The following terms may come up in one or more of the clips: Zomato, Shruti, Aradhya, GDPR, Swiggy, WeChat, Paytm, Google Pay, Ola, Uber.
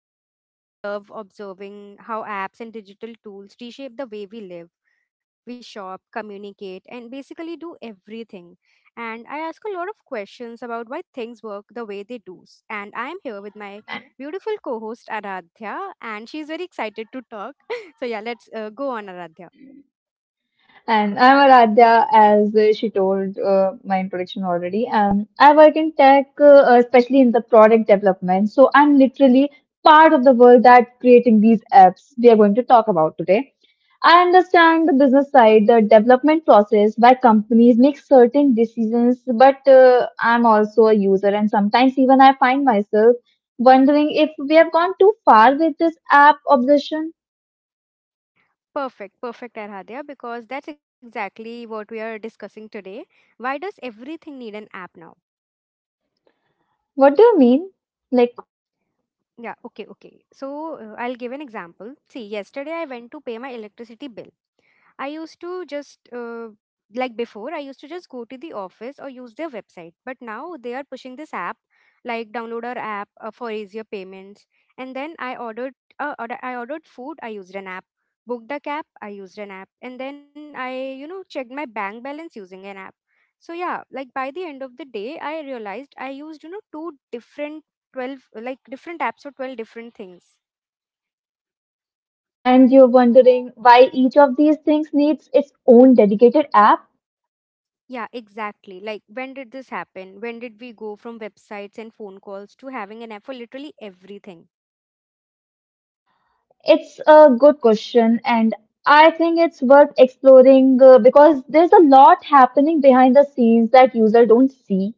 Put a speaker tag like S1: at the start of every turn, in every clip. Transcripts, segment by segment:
S1: training, but I really love observing how apps and digital tools reshape the way we live, we shop, communicate, and basically do everything. And I ask a lot of questions about why things work the way they do. And I'm here with my beautiful co host Aradhya, and she's very excited to talk. So, yeah, let's go on, Aradhya.
S2: And I'm Aradhya, as she told my introduction already. I work in tech, especially in the product development. So I'm literally part of the world that creating these apps we are going to talk about today. I understand the business side, the development process why companies make certain decisions, but I'm also a user, and sometimes even I find myself wondering if we have gone too far with this app obsession.
S1: Perfect, perfect, Aradhya, because that's exactly what we are discussing today. Why does everything need an app now?
S2: What do you mean? Like?
S1: Yeah, okay, okay. So I'll give an example. See, yesterday I went to pay my electricity bill. I used to just uh, I used to just go to the office or use their website. But now they are pushing this app, like download our app for easier payments. And then I ordered food. I used an app. Booked a cab. I used an app. And then I, checked my bank balance using an app. So yeah, like by the end of the day, I realized I used you know two different 12 different apps for 12 different things.
S2: And you're wondering why each of these things needs its own dedicated app?
S1: Yeah, exactly. Like, when did this happen? When did we go from websites and phone calls to having an app for literally everything?
S2: It's a good question, and I think it's worth exploring because there's a lot happening behind the scenes that users don't see.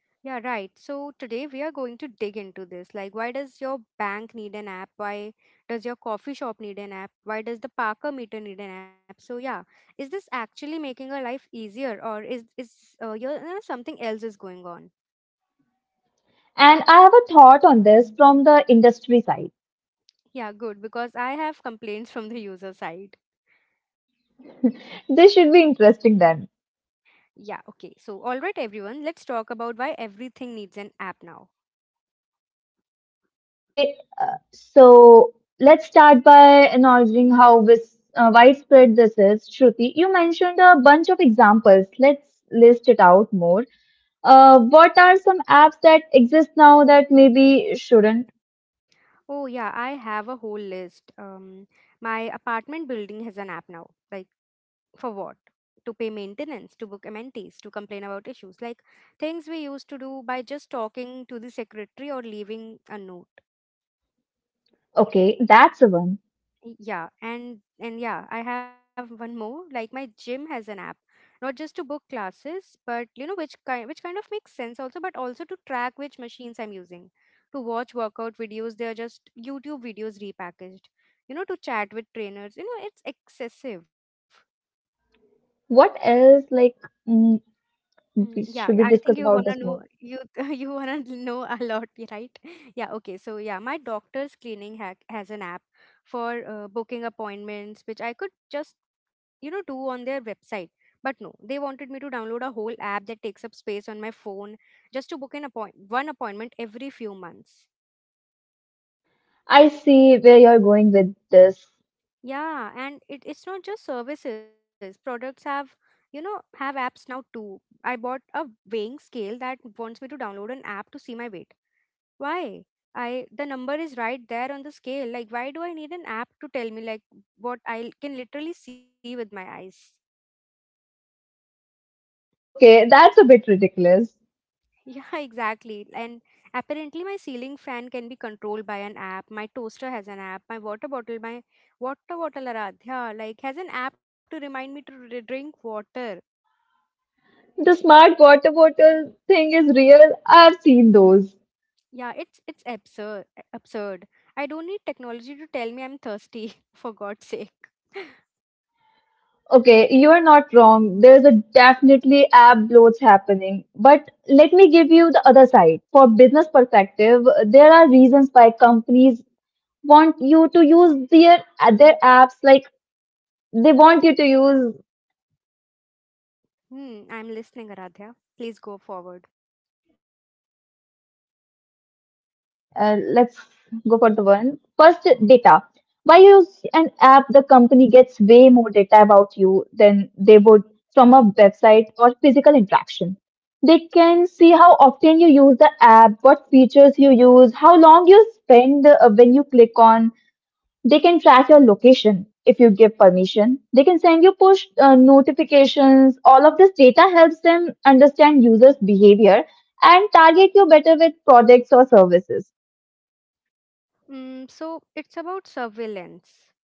S1: Yeah, right. So, today we are going to dig into this. Like, why does your bank need an app? Why does your coffee shop need an app? Why does the Parker meter need an app? So, yeah, is this actually making our life easier or something else is going on?
S2: And I have a thought on this from the industry side.
S1: Yeah, good, because I have complaints from the user side.
S2: This should be interesting then.
S1: Yeah, okay. So, all right, everyone, let's talk about why everything needs an app now.
S2: Okay, so let's start by acknowledging how widespread this is. Shruti, you mentioned a bunch of examples. Let's list it out more. What are some apps that exist now that maybe shouldn't?
S1: Oh yeah, I have a whole list. My apartment building has an app now. Like for what? To pay maintenance, to book amenities, to complain about issues, like things we used to do by just talking to the secretary or leaving a note.
S2: Okay, that's a one.
S1: Yeah, and yeah, I have one more. Like my gym has an app, not just to book classes, but you know which kind of makes sense also, but also to track which machines I'm using, to watch workout videos. They are just YouTube videos repackaged. You know, to chat with trainers. You know, it's excessive.
S2: What else, like, mm,
S1: Mm, yeah, yeah, I
S2: should we
S1: think you
S2: discuss
S1: wanna
S2: about this
S1: know
S2: more?
S1: you you wanna know a lot, right? Yeah, okay. So yeah, my doctor's cleaning hack has an app for booking appointments, which I could just you know do on their website. But no, they wanted me to download a whole app that takes up space on my phone just to book an appoint one appointment every few months.
S2: I see where you're going with this.
S1: Yeah, and it's not just services. Products have have apps now too. I bought a weighing scale that wants me to download an app to see my weight. Why? I, the number is right there on the scale. Like why do I need an app to tell me like what I can literally see with my eyes?
S2: Yeah, okay, that's a bit ridiculous.
S1: Yeah, exactly. And apparently my ceiling fan can be controlled by an app. My toaster has an app. My water bottle, Aradhya, like has an app to remind me to drink water.
S2: The smart water bottle thing is real. I've seen those.
S1: Yeah, it's absurd. Absurd. I don't need technology to tell me I'm thirsty, for God's sake.
S2: Okay, you're not wrong. There's a definitely app bloats happening. But let me give you the other side. For business perspective, there are reasons why companies want you to use their apps. Like they want you to use.
S1: Hmm, I'm listening, Aradhya. Please go forward.
S2: Okay, let's go for the one. First, data. Why use an app? The company gets way more data about you than they would from a website or physical interaction. They can see how often you use the app, what features you use, how long you spend when you click on they can track your location. If you give permission, they can send you push notifications. All of this data helps them understand users' behavior and target you better with products or services.
S1: Mm, so it's about surveillance.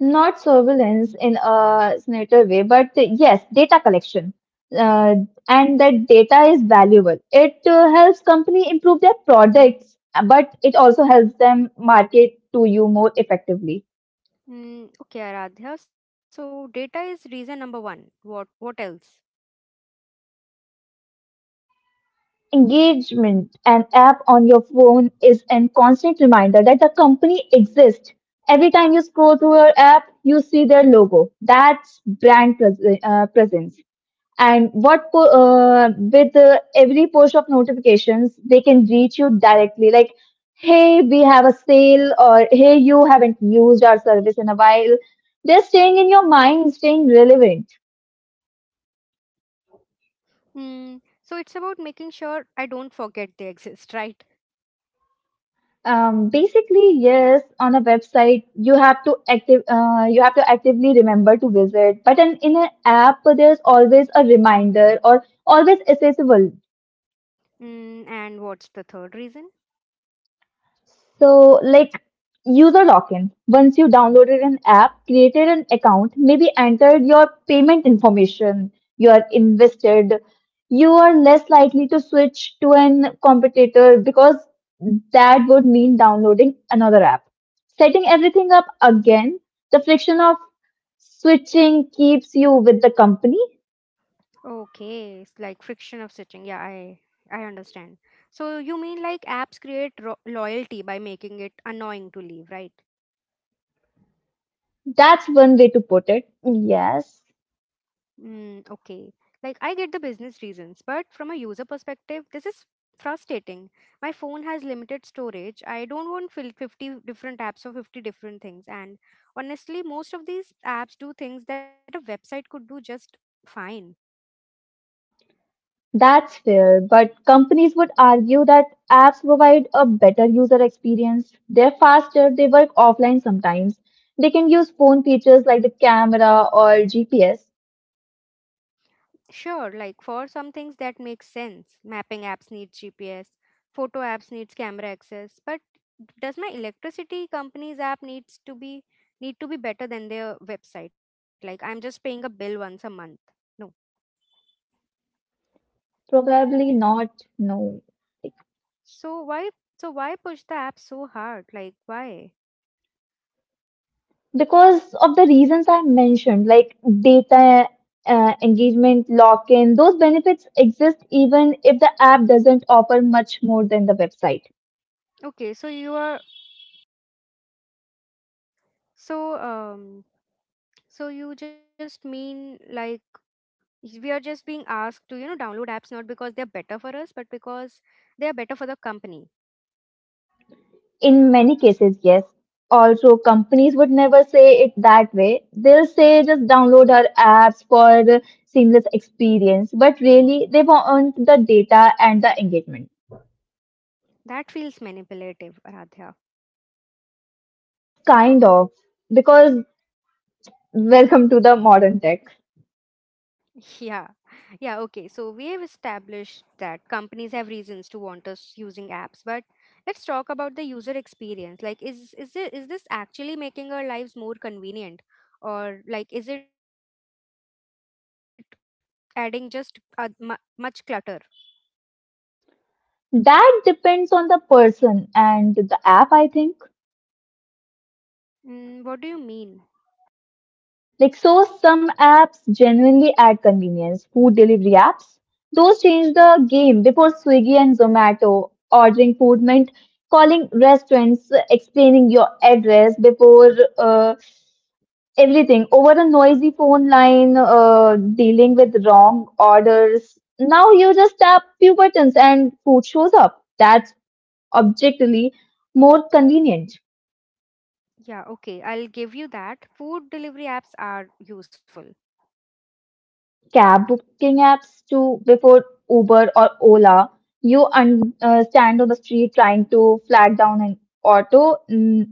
S2: Not surveillance in a snatcher way, but yes, data collection. Uh, and that data is valuable. It helps company improve their products, but it also helps them market to you more effectively.
S1: Mm, okay, Aradhya. So data is reason number one. What else?
S2: Engagement. An app on your phone is a constant reminder that the company exists. Every time you scroll through your app, you see their logo. That's brand presence. And with every push of notifications, they can reach you directly. Like, hey, we have a sale, or hey, you haven't used our service in a while. They're staying in your mind, staying relevant.
S1: Mm, so it's about making sure I don't forget they exist, right?
S2: Basically, yes, on a website you have to active you have to actively remember to visit, but in an app there's always a reminder or always accessible.
S1: Mm, and what's the third reason?
S2: So, like user login. Once you downloaded an app, created an account, maybe entered your payment information, you are invested, you are less likely to switch to an competitor because that would mean downloading another app. Setting everything up again, the friction of switching keeps you with the company.
S1: Okay, it's like friction of switching. Yeah, I understand. So you mean like apps create loyalty by making it annoying to leave, right?
S2: That's one way to put it. Yes.
S1: Mm, okay. Like, I get the business reasons, but from a user perspective, this is frustrating. My phone has limited storage. I don't want 50 different apps or 50 different things. And honestly, most of these apps do things that a website could do just fine.
S2: That's fair, but companies would argue that apps provide a better user experience. They're faster, they work offline sometimes. They can use phone features like the camera or GPS.
S1: Sure, like for some things that makes sense. Mapping apps need GPS, photo apps needs camera access, but does my electricity company's app needs to be need to be better than their website? Like I'm just paying a bill once a month. No.
S2: Probably not, no.
S1: So why so why push the app so hard? Like why?
S2: Because of the reasons I mentioned, like data engagement, lock in, those benefits exist even if the app doesn't offer much more than the website.
S1: Okay, so you are so um so you just mean like we are just being asked to, you know, download apps not because they're better for us, but because they are better for the company.
S2: In many cases, yes. Also, companies would never say it that way. They'll say just download our apps for the seamless experience, but really they want the data and the engagement.
S1: That feels manipulative, Radhya.
S2: It's kind of because welcome to the modern tech.
S1: Yeah. Yeah, okay. So we have established that companies have reasons to want us using apps, but let's talk about the user experience. Is this actually making our lives more convenient or like is it adding just mu much clutter?
S2: That depends on the person and the app, I think.
S1: Mm, what do you mean?
S2: Like, so some apps genuinely add convenience. Food delivery apps, those changed the game before Swiggy and Zomato. Ordering food meant calling restaurants, explaining your address before uh, everything over a noisy phone line, dealing with wrong orders. Now you just tap few buttons and food shows up. That's objectively more convenient.
S1: Yeah, okay. I'll give you that. Food delivery apps are useful.
S2: Cab booking apps to before Uber or Ola. You stand on the street trying to flag down an auto, mm,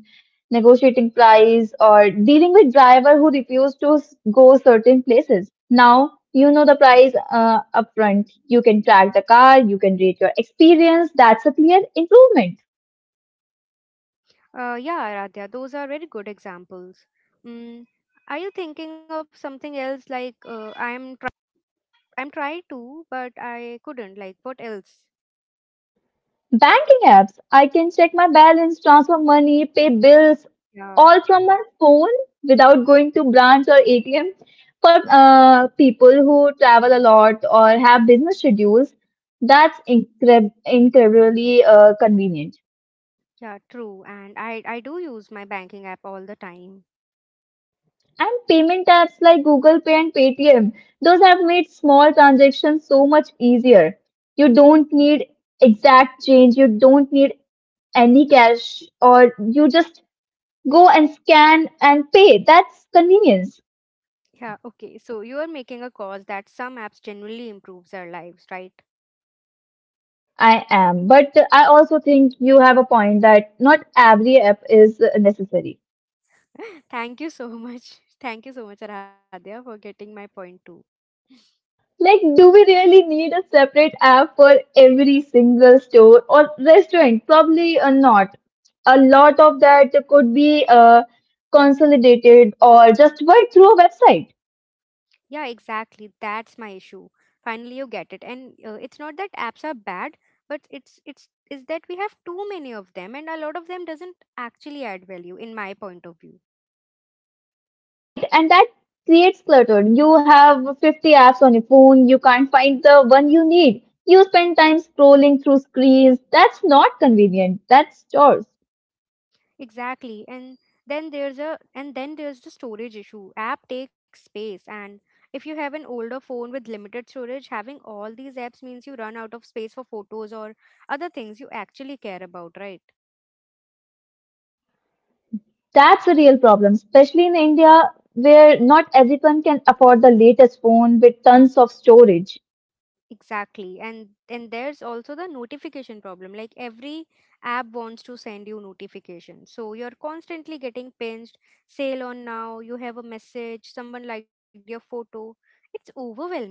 S2: negotiating price, or dealing with driver who refuse to go certain places. Now you know the price upfront. You can track the car. You can rate your experience. That's a clear improvement.
S1: Yeah, Aradhya, those are very good examples. Mm, are you thinking of something else? I'm trying to, but I couldn't. Like what else?
S2: Banking apps. I can check my balance, transfer money, pay bills,
S1: Yeah,
S2: all from my phone without going to branch or ATM. For people who travel a lot or have business schedules, that's incredibly convenient.
S1: yeah, true. And I do use my banking app all the time.
S2: And payment apps like Google Pay and Paytm, those have made small transactions so much easier. You don't need exact change, you don't need any cash, or you just go and scan and pay. That's convenience.
S1: Yeah, okay. So you are making a cause that some apps genuinely improves our lives, right?
S2: I am. But I also think you have a point that not every app is necessary.
S1: Thank you so much. Thank you so much, Aradhya, for getting my point too.
S2: Like, do we really need a separate app for every single store or restaurant? Probably not. A lot of that could be consolidated or just work through a website.
S1: Yeah, exactly. That's my issue. Finally, you get it. And it's not that apps are bad, but it's is that we have too many of them, and a lot of them doesn't actually add value, in my point of view.
S2: Right, and that creates clutter. You have 50 apps on your phone, you can't find the one you need. You spend time scrolling through screens. That's not convenient. That's chores.
S1: Exactly. And then there's a and then there's the storage issue. App takes space, and if you have an older phone with limited storage, having all these apps means you run out of space for photos or other things you actually care about, right?
S2: That's a real problem, especially in India where not everyone can afford the latest phone with tons of storage.
S1: Exactly. And there's also the notification problem. Like every app wants to send you notifications. So you're constantly getting pinged, sale on now, you have a message, someone liked your photo. It's overwhelming.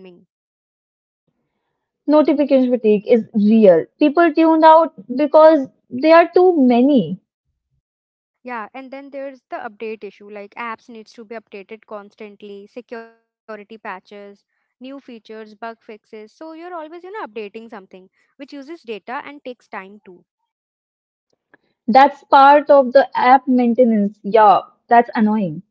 S2: Notification fatigue is real. People tuned out because there are too many.
S1: Yeah, and then there's the update issue. Like apps needs to be updated constantly, security patches, new features, bug fixes. So you're always, you know, updating something which uses data and takes time too.
S2: That's part of the app maintenance. Yeah, that's annoying.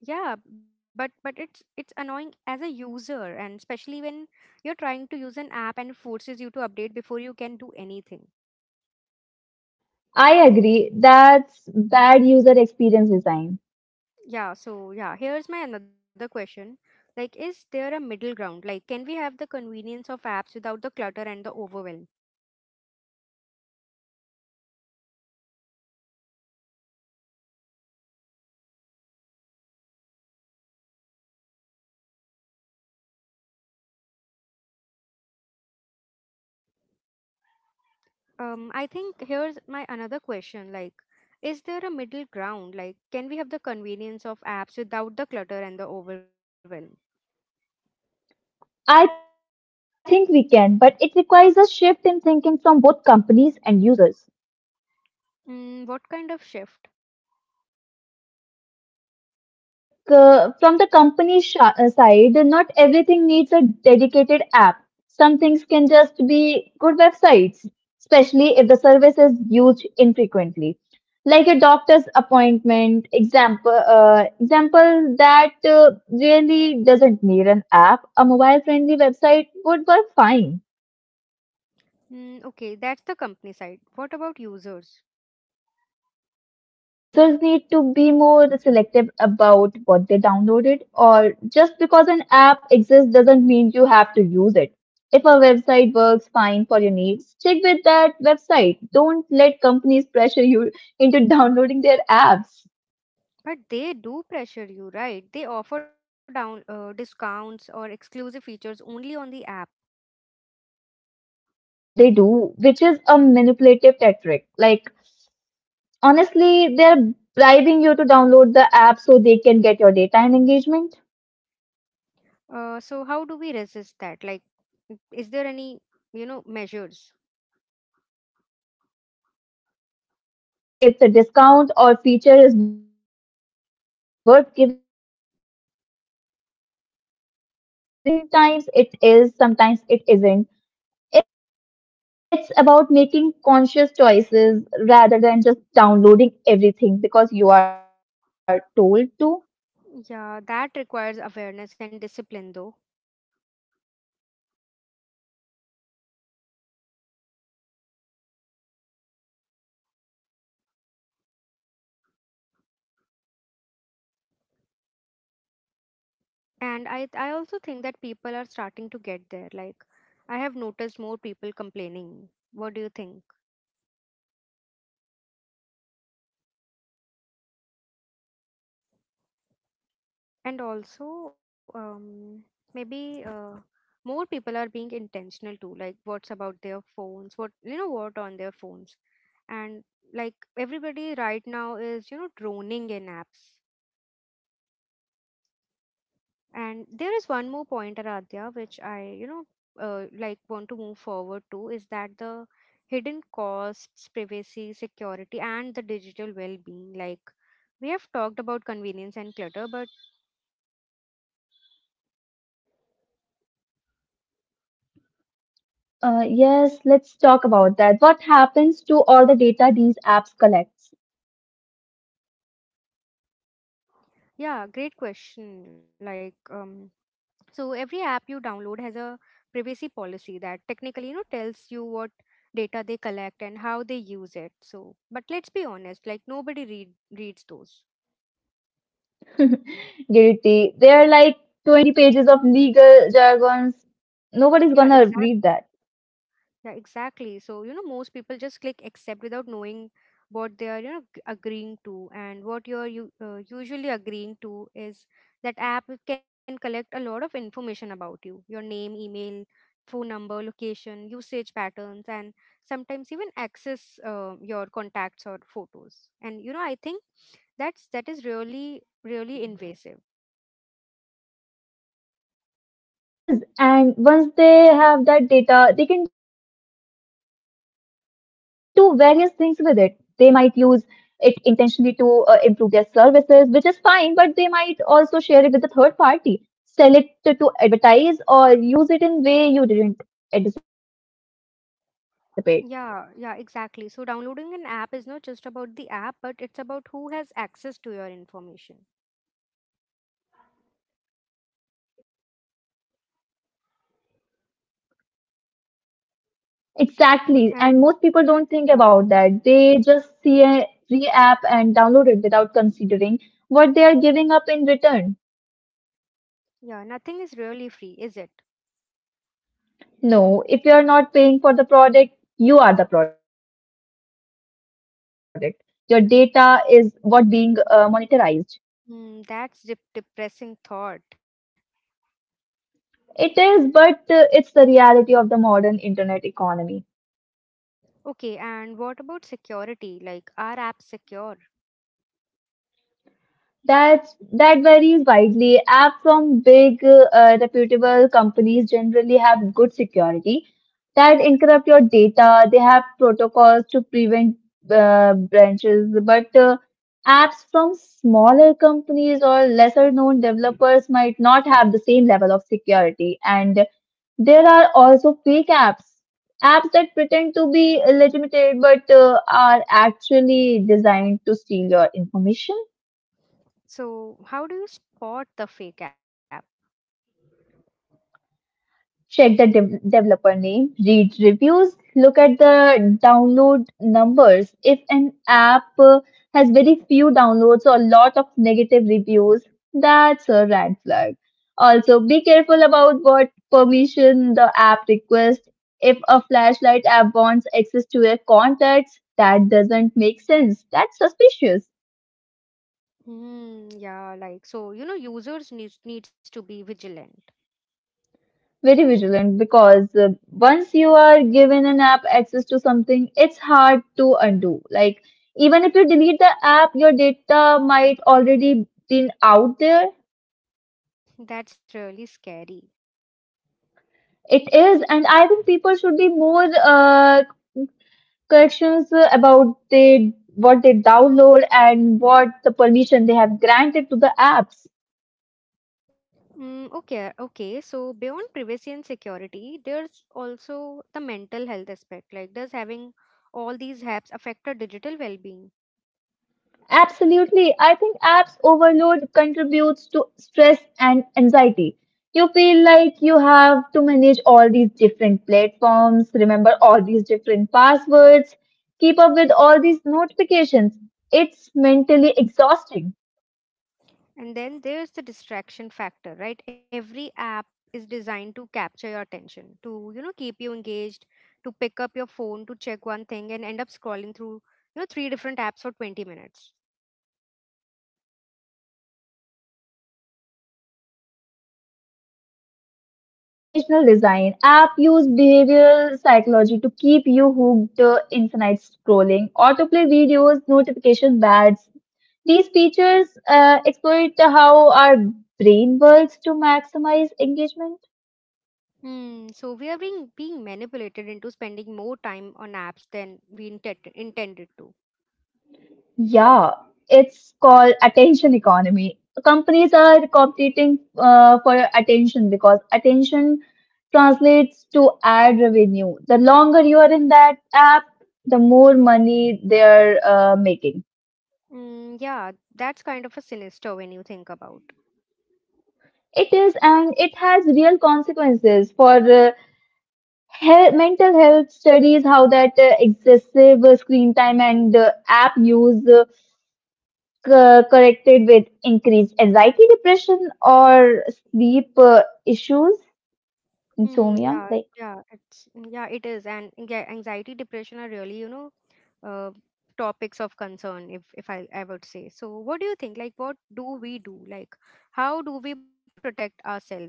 S1: Yeah, but it's annoying as a user, and especially when you're trying to use an app and forces you to update before you can do anything.
S2: I agree. That's bad user experience design.
S1: Yeah, so yeah, here's my another question. Like, is there a middle ground? Like, can we have the convenience of apps without the clutter and the overwhelm?
S2: I think we can, but it requires a shift in thinking from both companies and users.
S1: I think Here's my another question. Like, is there a middle ground? Like, can we have the convenience of apps without the clutter and the overwhelm?
S2: I think we can, but it requires a shift in thinking from both companies and users.
S1: Mm, what kind of shift?
S2: Like from the company side, not everything needs a dedicated app. Some things can just be good websites, especially if the service is used infrequently. Like a doctor's appointment example, that really doesn't need an app. A mobile-friendly website would work fine.
S1: Mm, okay, that's the company side. What about users?
S2: Users need to be more selective about what they downloaded or just because an app exists doesn't mean you have to use it. If a website works fine for your needs stick with that website, don't let companies pressure you into downloading their apps.
S1: But they do pressure you, right? They offer down discounts or exclusive features only on the app.
S2: They do, which is a manipulative tactic. Like honestly, they're bribing you to download the app so they can get your data and engagement.
S1: So how do we resist that? Like, mm, is there any, you know, measures?
S2: You have to decide if the discount or feature is worth giving up your storage space, privacy, and mental space. Sometimes it is, sometimes it isn't. It's about making conscious choices rather than just downloading everything because you are told to.
S1: Yeah, that requires awareness and discipline though.
S2: It does, but I think people are starting to get there. I've noticed more people complaining about app fatigues, more people being international
S1: And
S2: about
S1: I
S2: what's
S1: also
S2: on
S1: think
S2: their
S1: that
S2: phone.
S1: people are starting to get there. Like, I have noticed more people complaining. What do you think?
S2: Uh, it does, but I think people are starting to
S1: And
S2: get there. I've
S1: also
S2: noticed more people
S1: maybe
S2: complaining about.
S1: more people are being intentional too. Like what's about their phones, what you know what on their phones. And like everybody right now is you know droning in apps. And there is one more point, Aradhya, which I you know like want to move forward to, is that the hidden costs, privacy, security, and the digital well-being. Like we have talked about convenience and clutter, but
S2: Yes, let's talk about that. What happens to all the data these apps collects?
S1: yeah, great question. like um So every app you download has a privacy policy that technically you know tells you what data they collect and how they use it. So but let's be honest, like nobody reads those.
S2: Guilty. There are like 20 pages of legal jargons.
S1: Yeah,
S2: Nobody's
S1: exactly.
S2: gonna read.
S1: Yeah, exactly. So, you know, most people just click accept without knowing what they are, you know, agreeing to. And what you're usually agreeing to is that app can collect a lot of information about you, your name, email, phone number, location, usage patterns, and sometimes even access your contacts or photos. And, you know, I think that is really, really invasive.
S2: It is, and once they have that data, they can do various things with it. They might use it intentionally to improve their services, which is fine, but they might also share it with a third party, sell to advertise, or use it in way you didn't anticipate.
S1: Yeah, yeah, exactly. So downloading an app is not just about the app, but it's about who has access to your information.
S2: Exactly, and most people don't
S1: And
S2: think about that.
S1: yeah,
S2: They just see a free app and download it without considering what they are giving up in return.
S1: yeah, nothing is really free, is it?
S2: No, if you're not paying for the product, you are the product. Your data is what being monetized.
S1: Mm, that's depressing thought.
S2: It is, but it's the reality of the modern internet economy.
S1: Okay, and what about security? Like, are apps secure?
S2: That's that varies widely. App from big, reputable companies generally have good security that encrypt your data. They have protocols to prevent breaches, but apps from smaller companies or lesser known developers might not have the same level of security. And there are also fake apps, apps that pretend to be legitimate but are actually designed to steal your information.
S1: So, how do you spot the fake app?
S2: Check the developer name, read reviews, look at the download numbers. If an app has very few downloads or a lot of negative reviews, that's a red flag. Also, be careful about what permission the app requests. If a flashlight app wants access to your contacts, that doesn't make sense. That's suspicious.
S1: Hmm, yeah, users needs to be vigilant.
S2: Very vigilant because once you are given an app access to something, it's hard to undo. Like, even if you delete the app, your data might already been out there.
S1: That's really scary.
S2: It is, and I think people should be more corrections about what they download and what the permission they have granted to the apps.
S1: Okay, okay. So beyond privacy and security, there's also the mental health aspect. Like, does having all these apps affect our digital well-being?
S2: Absolutely. I think apps overload contributes to stress and anxiety. You feel like you have to manage all these different platforms, remember all these different passwords, keep up with all these notifications. It's mentally exhausting.
S1: And then there's the distraction factor, right? Every app is designed to capture your attention, to, keep you engaged, to pick up your phone, to check one thing and end up scrolling through, three different apps for 20 minutes.
S2: That's international design. App use behavioral psychology to keep you hooked, infinite scrolling, autoplay videos, notification bats. These features exploit how our brain works to maximize engagement.
S1: Hmm, so we are being manipulated into spending more time on apps than we intended to.
S2: Yeah, it's called attention economy. Companies are competing for your attention because attention translates to ad revenue. The longer you are in that app, the more money they're making.
S1: Yeah, that's kind of a sinister when you think about.
S2: It is, and it has real consequences for health, mental health studies, how that excessive screen time and app use corrected with increased anxiety, depression, or sleep issues,
S1: Hmm,
S2: insomnia.
S1: yeah,
S2: Like,
S1: yeah, it is, and yeah, anxiety, depression are really, uh, topics of concern. If I I would say so, what do you think? Like, what do we do? Like, how do we protect ourselves?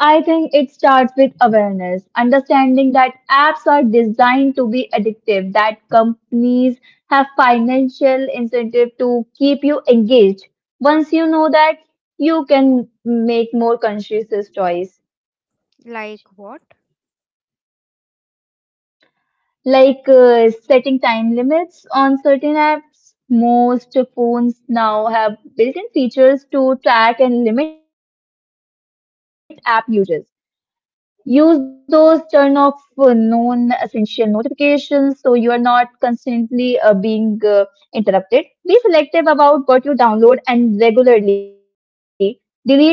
S2: I think it starts with awareness, understanding that apps are designed to be addictive, that companies have financial incentive to keep you engaged. Once you know that, you can make more conscious choice.
S1: Like what?
S2: Like setting time limits on certain apps. Most phones now have built in features to track and limit app uses. Use those, turn off non essential notifications so you are not constantly being interrupted. Be selective about what you download and regularly delete apps you're not using.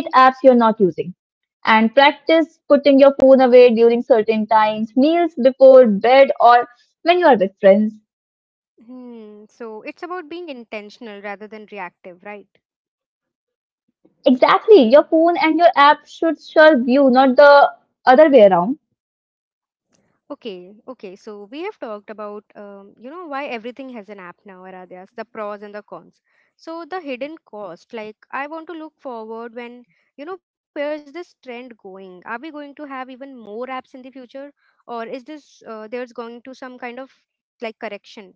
S2: And practice putting your phone away during certain times, meals before bed, or when you are with friends.
S1: Hmm. So it's about being intentional rather than reactive, right?
S2: Exactly. Your phone and your app should serve you, not the other way around.
S1: Okay, okay. So we have talked about, you know, why everything has an app now, Aradhyas, the pros and the cons. So the hidden cost, like I want to look forward when, you know, where is this trend going? Are we going to have even more apps in the future, or is this there's going to some kind of like correction?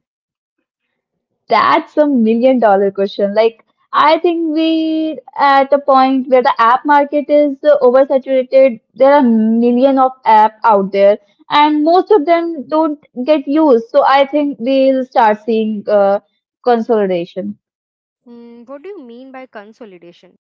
S2: That's a million dollar question. Like, I think we're at a point where the app market is oversaturated. There are million of app out there, and most of them don't get used. So I think we'll start seeing consolidation.
S1: What do you mean by consolidation?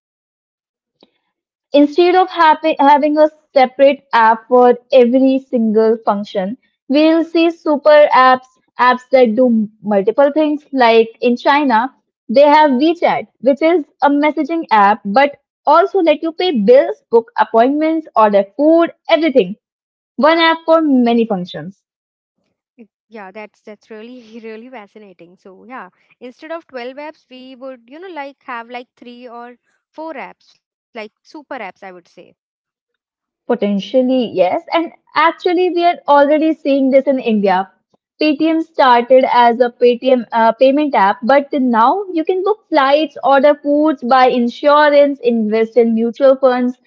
S2: Instead of having a separate app for every single function, we'll see super apps, apps that do multiple things. Like in China, they have WeChat, which is a messaging app, but also let you pay bills, book appointments, order food, everything. One app for many functions.
S1: Mm, yeah, that's really really fascinating. So yeah, instead of 12 apps, we would, you know, like have like three or four apps, like super apps, I would say.
S2: Potentially, yes. And actually, we are already seeing this in India. Paytm started as a Paytm payment app, but now you can book flights, order foods, buy insurance, invest in mutual funds.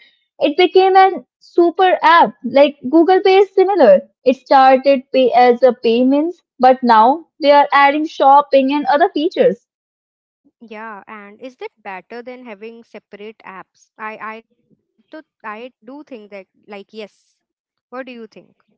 S2: It became an super app. Like Google Pay is similar. It started pay as a payments, but now they are adding shopping and other features.
S1: Yeah, and is that better than having separate apps? I do think that like yes. What do you think?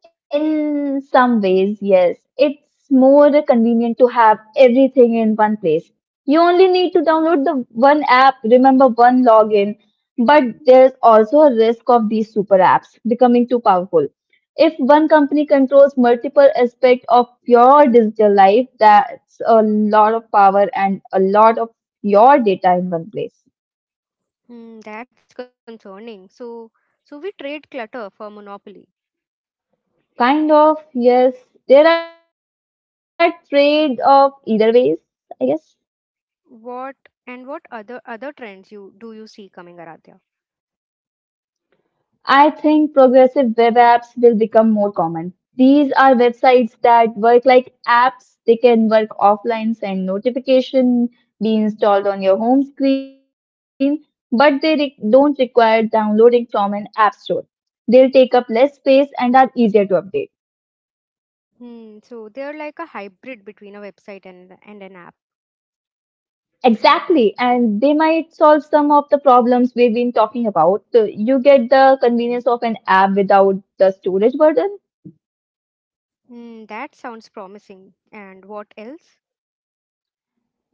S2: In some ways, yes. It's more convenient to have everything in one place. You only need to download the one app, remember one login, but there's also a risk of these super apps becoming too powerful. If one company controls multiple aspects of your digital life, that's a lot of power and a lot of your data in one place.
S1: Hmm, that's concerning. So we trade clutter for monopoly.
S2: Kind of, yes. There are trade-off either ways, I guess.
S1: What and what other trends you do you see coming, Aradhya?
S2: I think progressive web apps will become more common. These are websites that work like apps. They can work offline, send notification, be installed on your home screen, but don't require downloading from an app store. They'll take up less space and are easier to update.
S1: Hmm, so they're like a hybrid between a website and an app.
S2: Exactly, and they might solve some of the problems we've been talking about. So you get the convenience of an app without the storage burden.
S1: That sounds promising. And what else?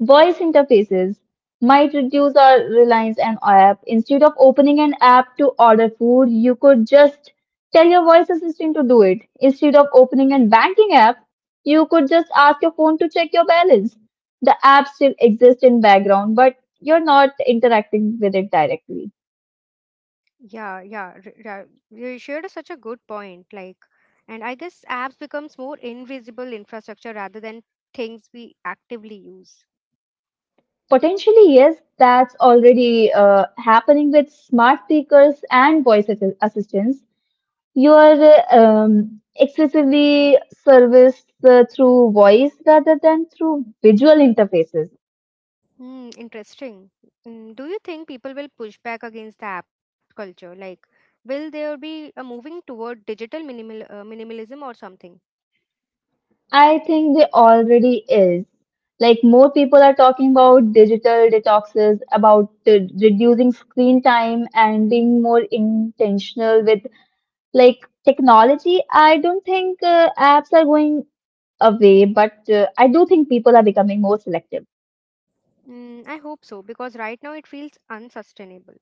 S2: Voice interfaces might reduce our reliance on app. Instead of opening an app to order food, you could just tell your voice assistant to do it. Instead of opening a banking app, you could just ask your phone to check your balance. The app still exists in background, but you're not interacting with it directly.
S1: Yeah, yeah, you shared such a good point. Like, and I guess apps becomes more invisible infrastructure rather than things we actively use.
S2: Potentially, yes, that's already happening with smart speakers and voice assistants. You are excessively serviced through voice rather than through visual interfaces.
S1: Hmm, interesting. Mm, do you think people will push back against the app culture? Like, will there be a moving toward digital minimalism or something?
S2: I think there already is. Like more people are talking about digital detoxes, about reducing screen time and being more intentional with like technology. I don't think apps are going away, but I do think people are becoming more selective.
S1: I hope so because right now it feels unsustainable.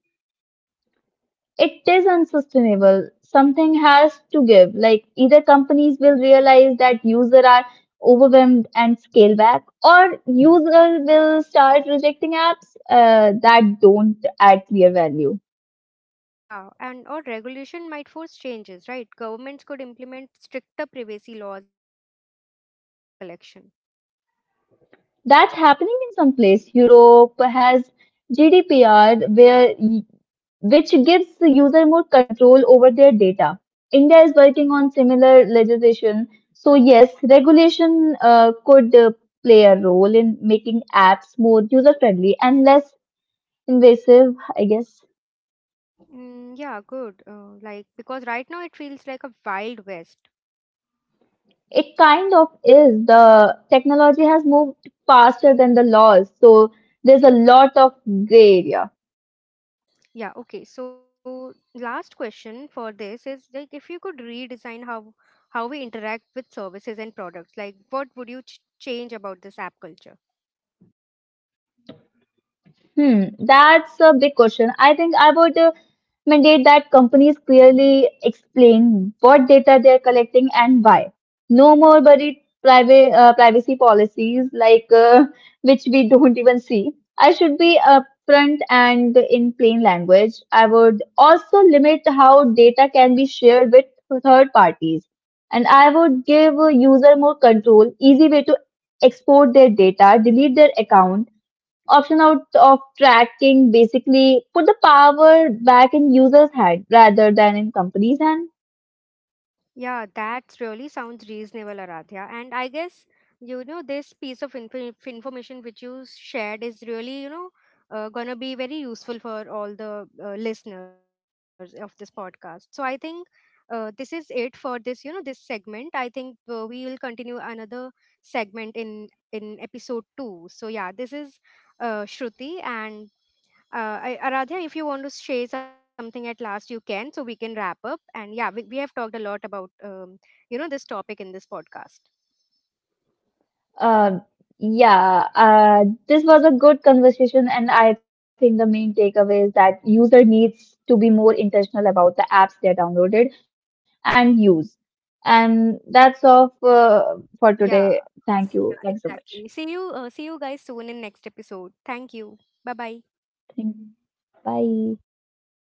S2: It is unsustainable. Something has to give. Like either companies will realize that user are overwhelmed and scale back, or user will start rejecting apps that don't add clear value.
S1: Yeah, and or regulation might force changes, right? Governments could implement stricter privacy laws and rules about data collection.
S2: That's happening in some place. Europe has GDPR, where which gives the user more control over their data. India is working on similar legislation. So, yes, regulation could play a role in making apps more user friendly and less invasive, I guess.
S1: Mm, yeah, good. Like, because right now it feels like a wild west.
S2: It kind of is. The technology has moved faster than the laws. So, there's a lot of gray area.
S1: Yeah, okay. So, last question for this is like, if you could redesign how we interact with services and products, like, what would you ch change about this app culture?
S2: Hmm, that's a big question. I think I would mandate that companies clearly explain what data they're collecting and why. No more buried private privacy policies like which we don't even see. I should be upfront and in plain language. I would also limit how data can be shared with third parties, and I would give a user more control, easy way to export their data, delete their account option out of tracking basically put the power back in users' hand rather than in companies' hand.
S1: Yeah, that really sounds reasonable, Aradhya. And I guess, you know, this piece of information which you shared is really, gonna be very useful for all the listeners of this podcast. So I think this is it for this, this segment. I think we will continue another segment in episode 2. So yeah, this is Shruti, and I, Aradhya, if you want to share something at last, you can, so we can wrap up. And yeah, we have talked a lot about you know, this topic in this podcast.
S2: Um, yeah, this was a good conversation, and I think the main takeaway is that user needs to be more intentional about the apps they downloaded and use. And that's all for, today.
S1: Yeah,
S2: Thank you. Thanks
S1: yeah,
S2: so much.
S1: exactly. See you guys soon in next episode. Thank you. Bye bye.
S2: Thank- you. Bye.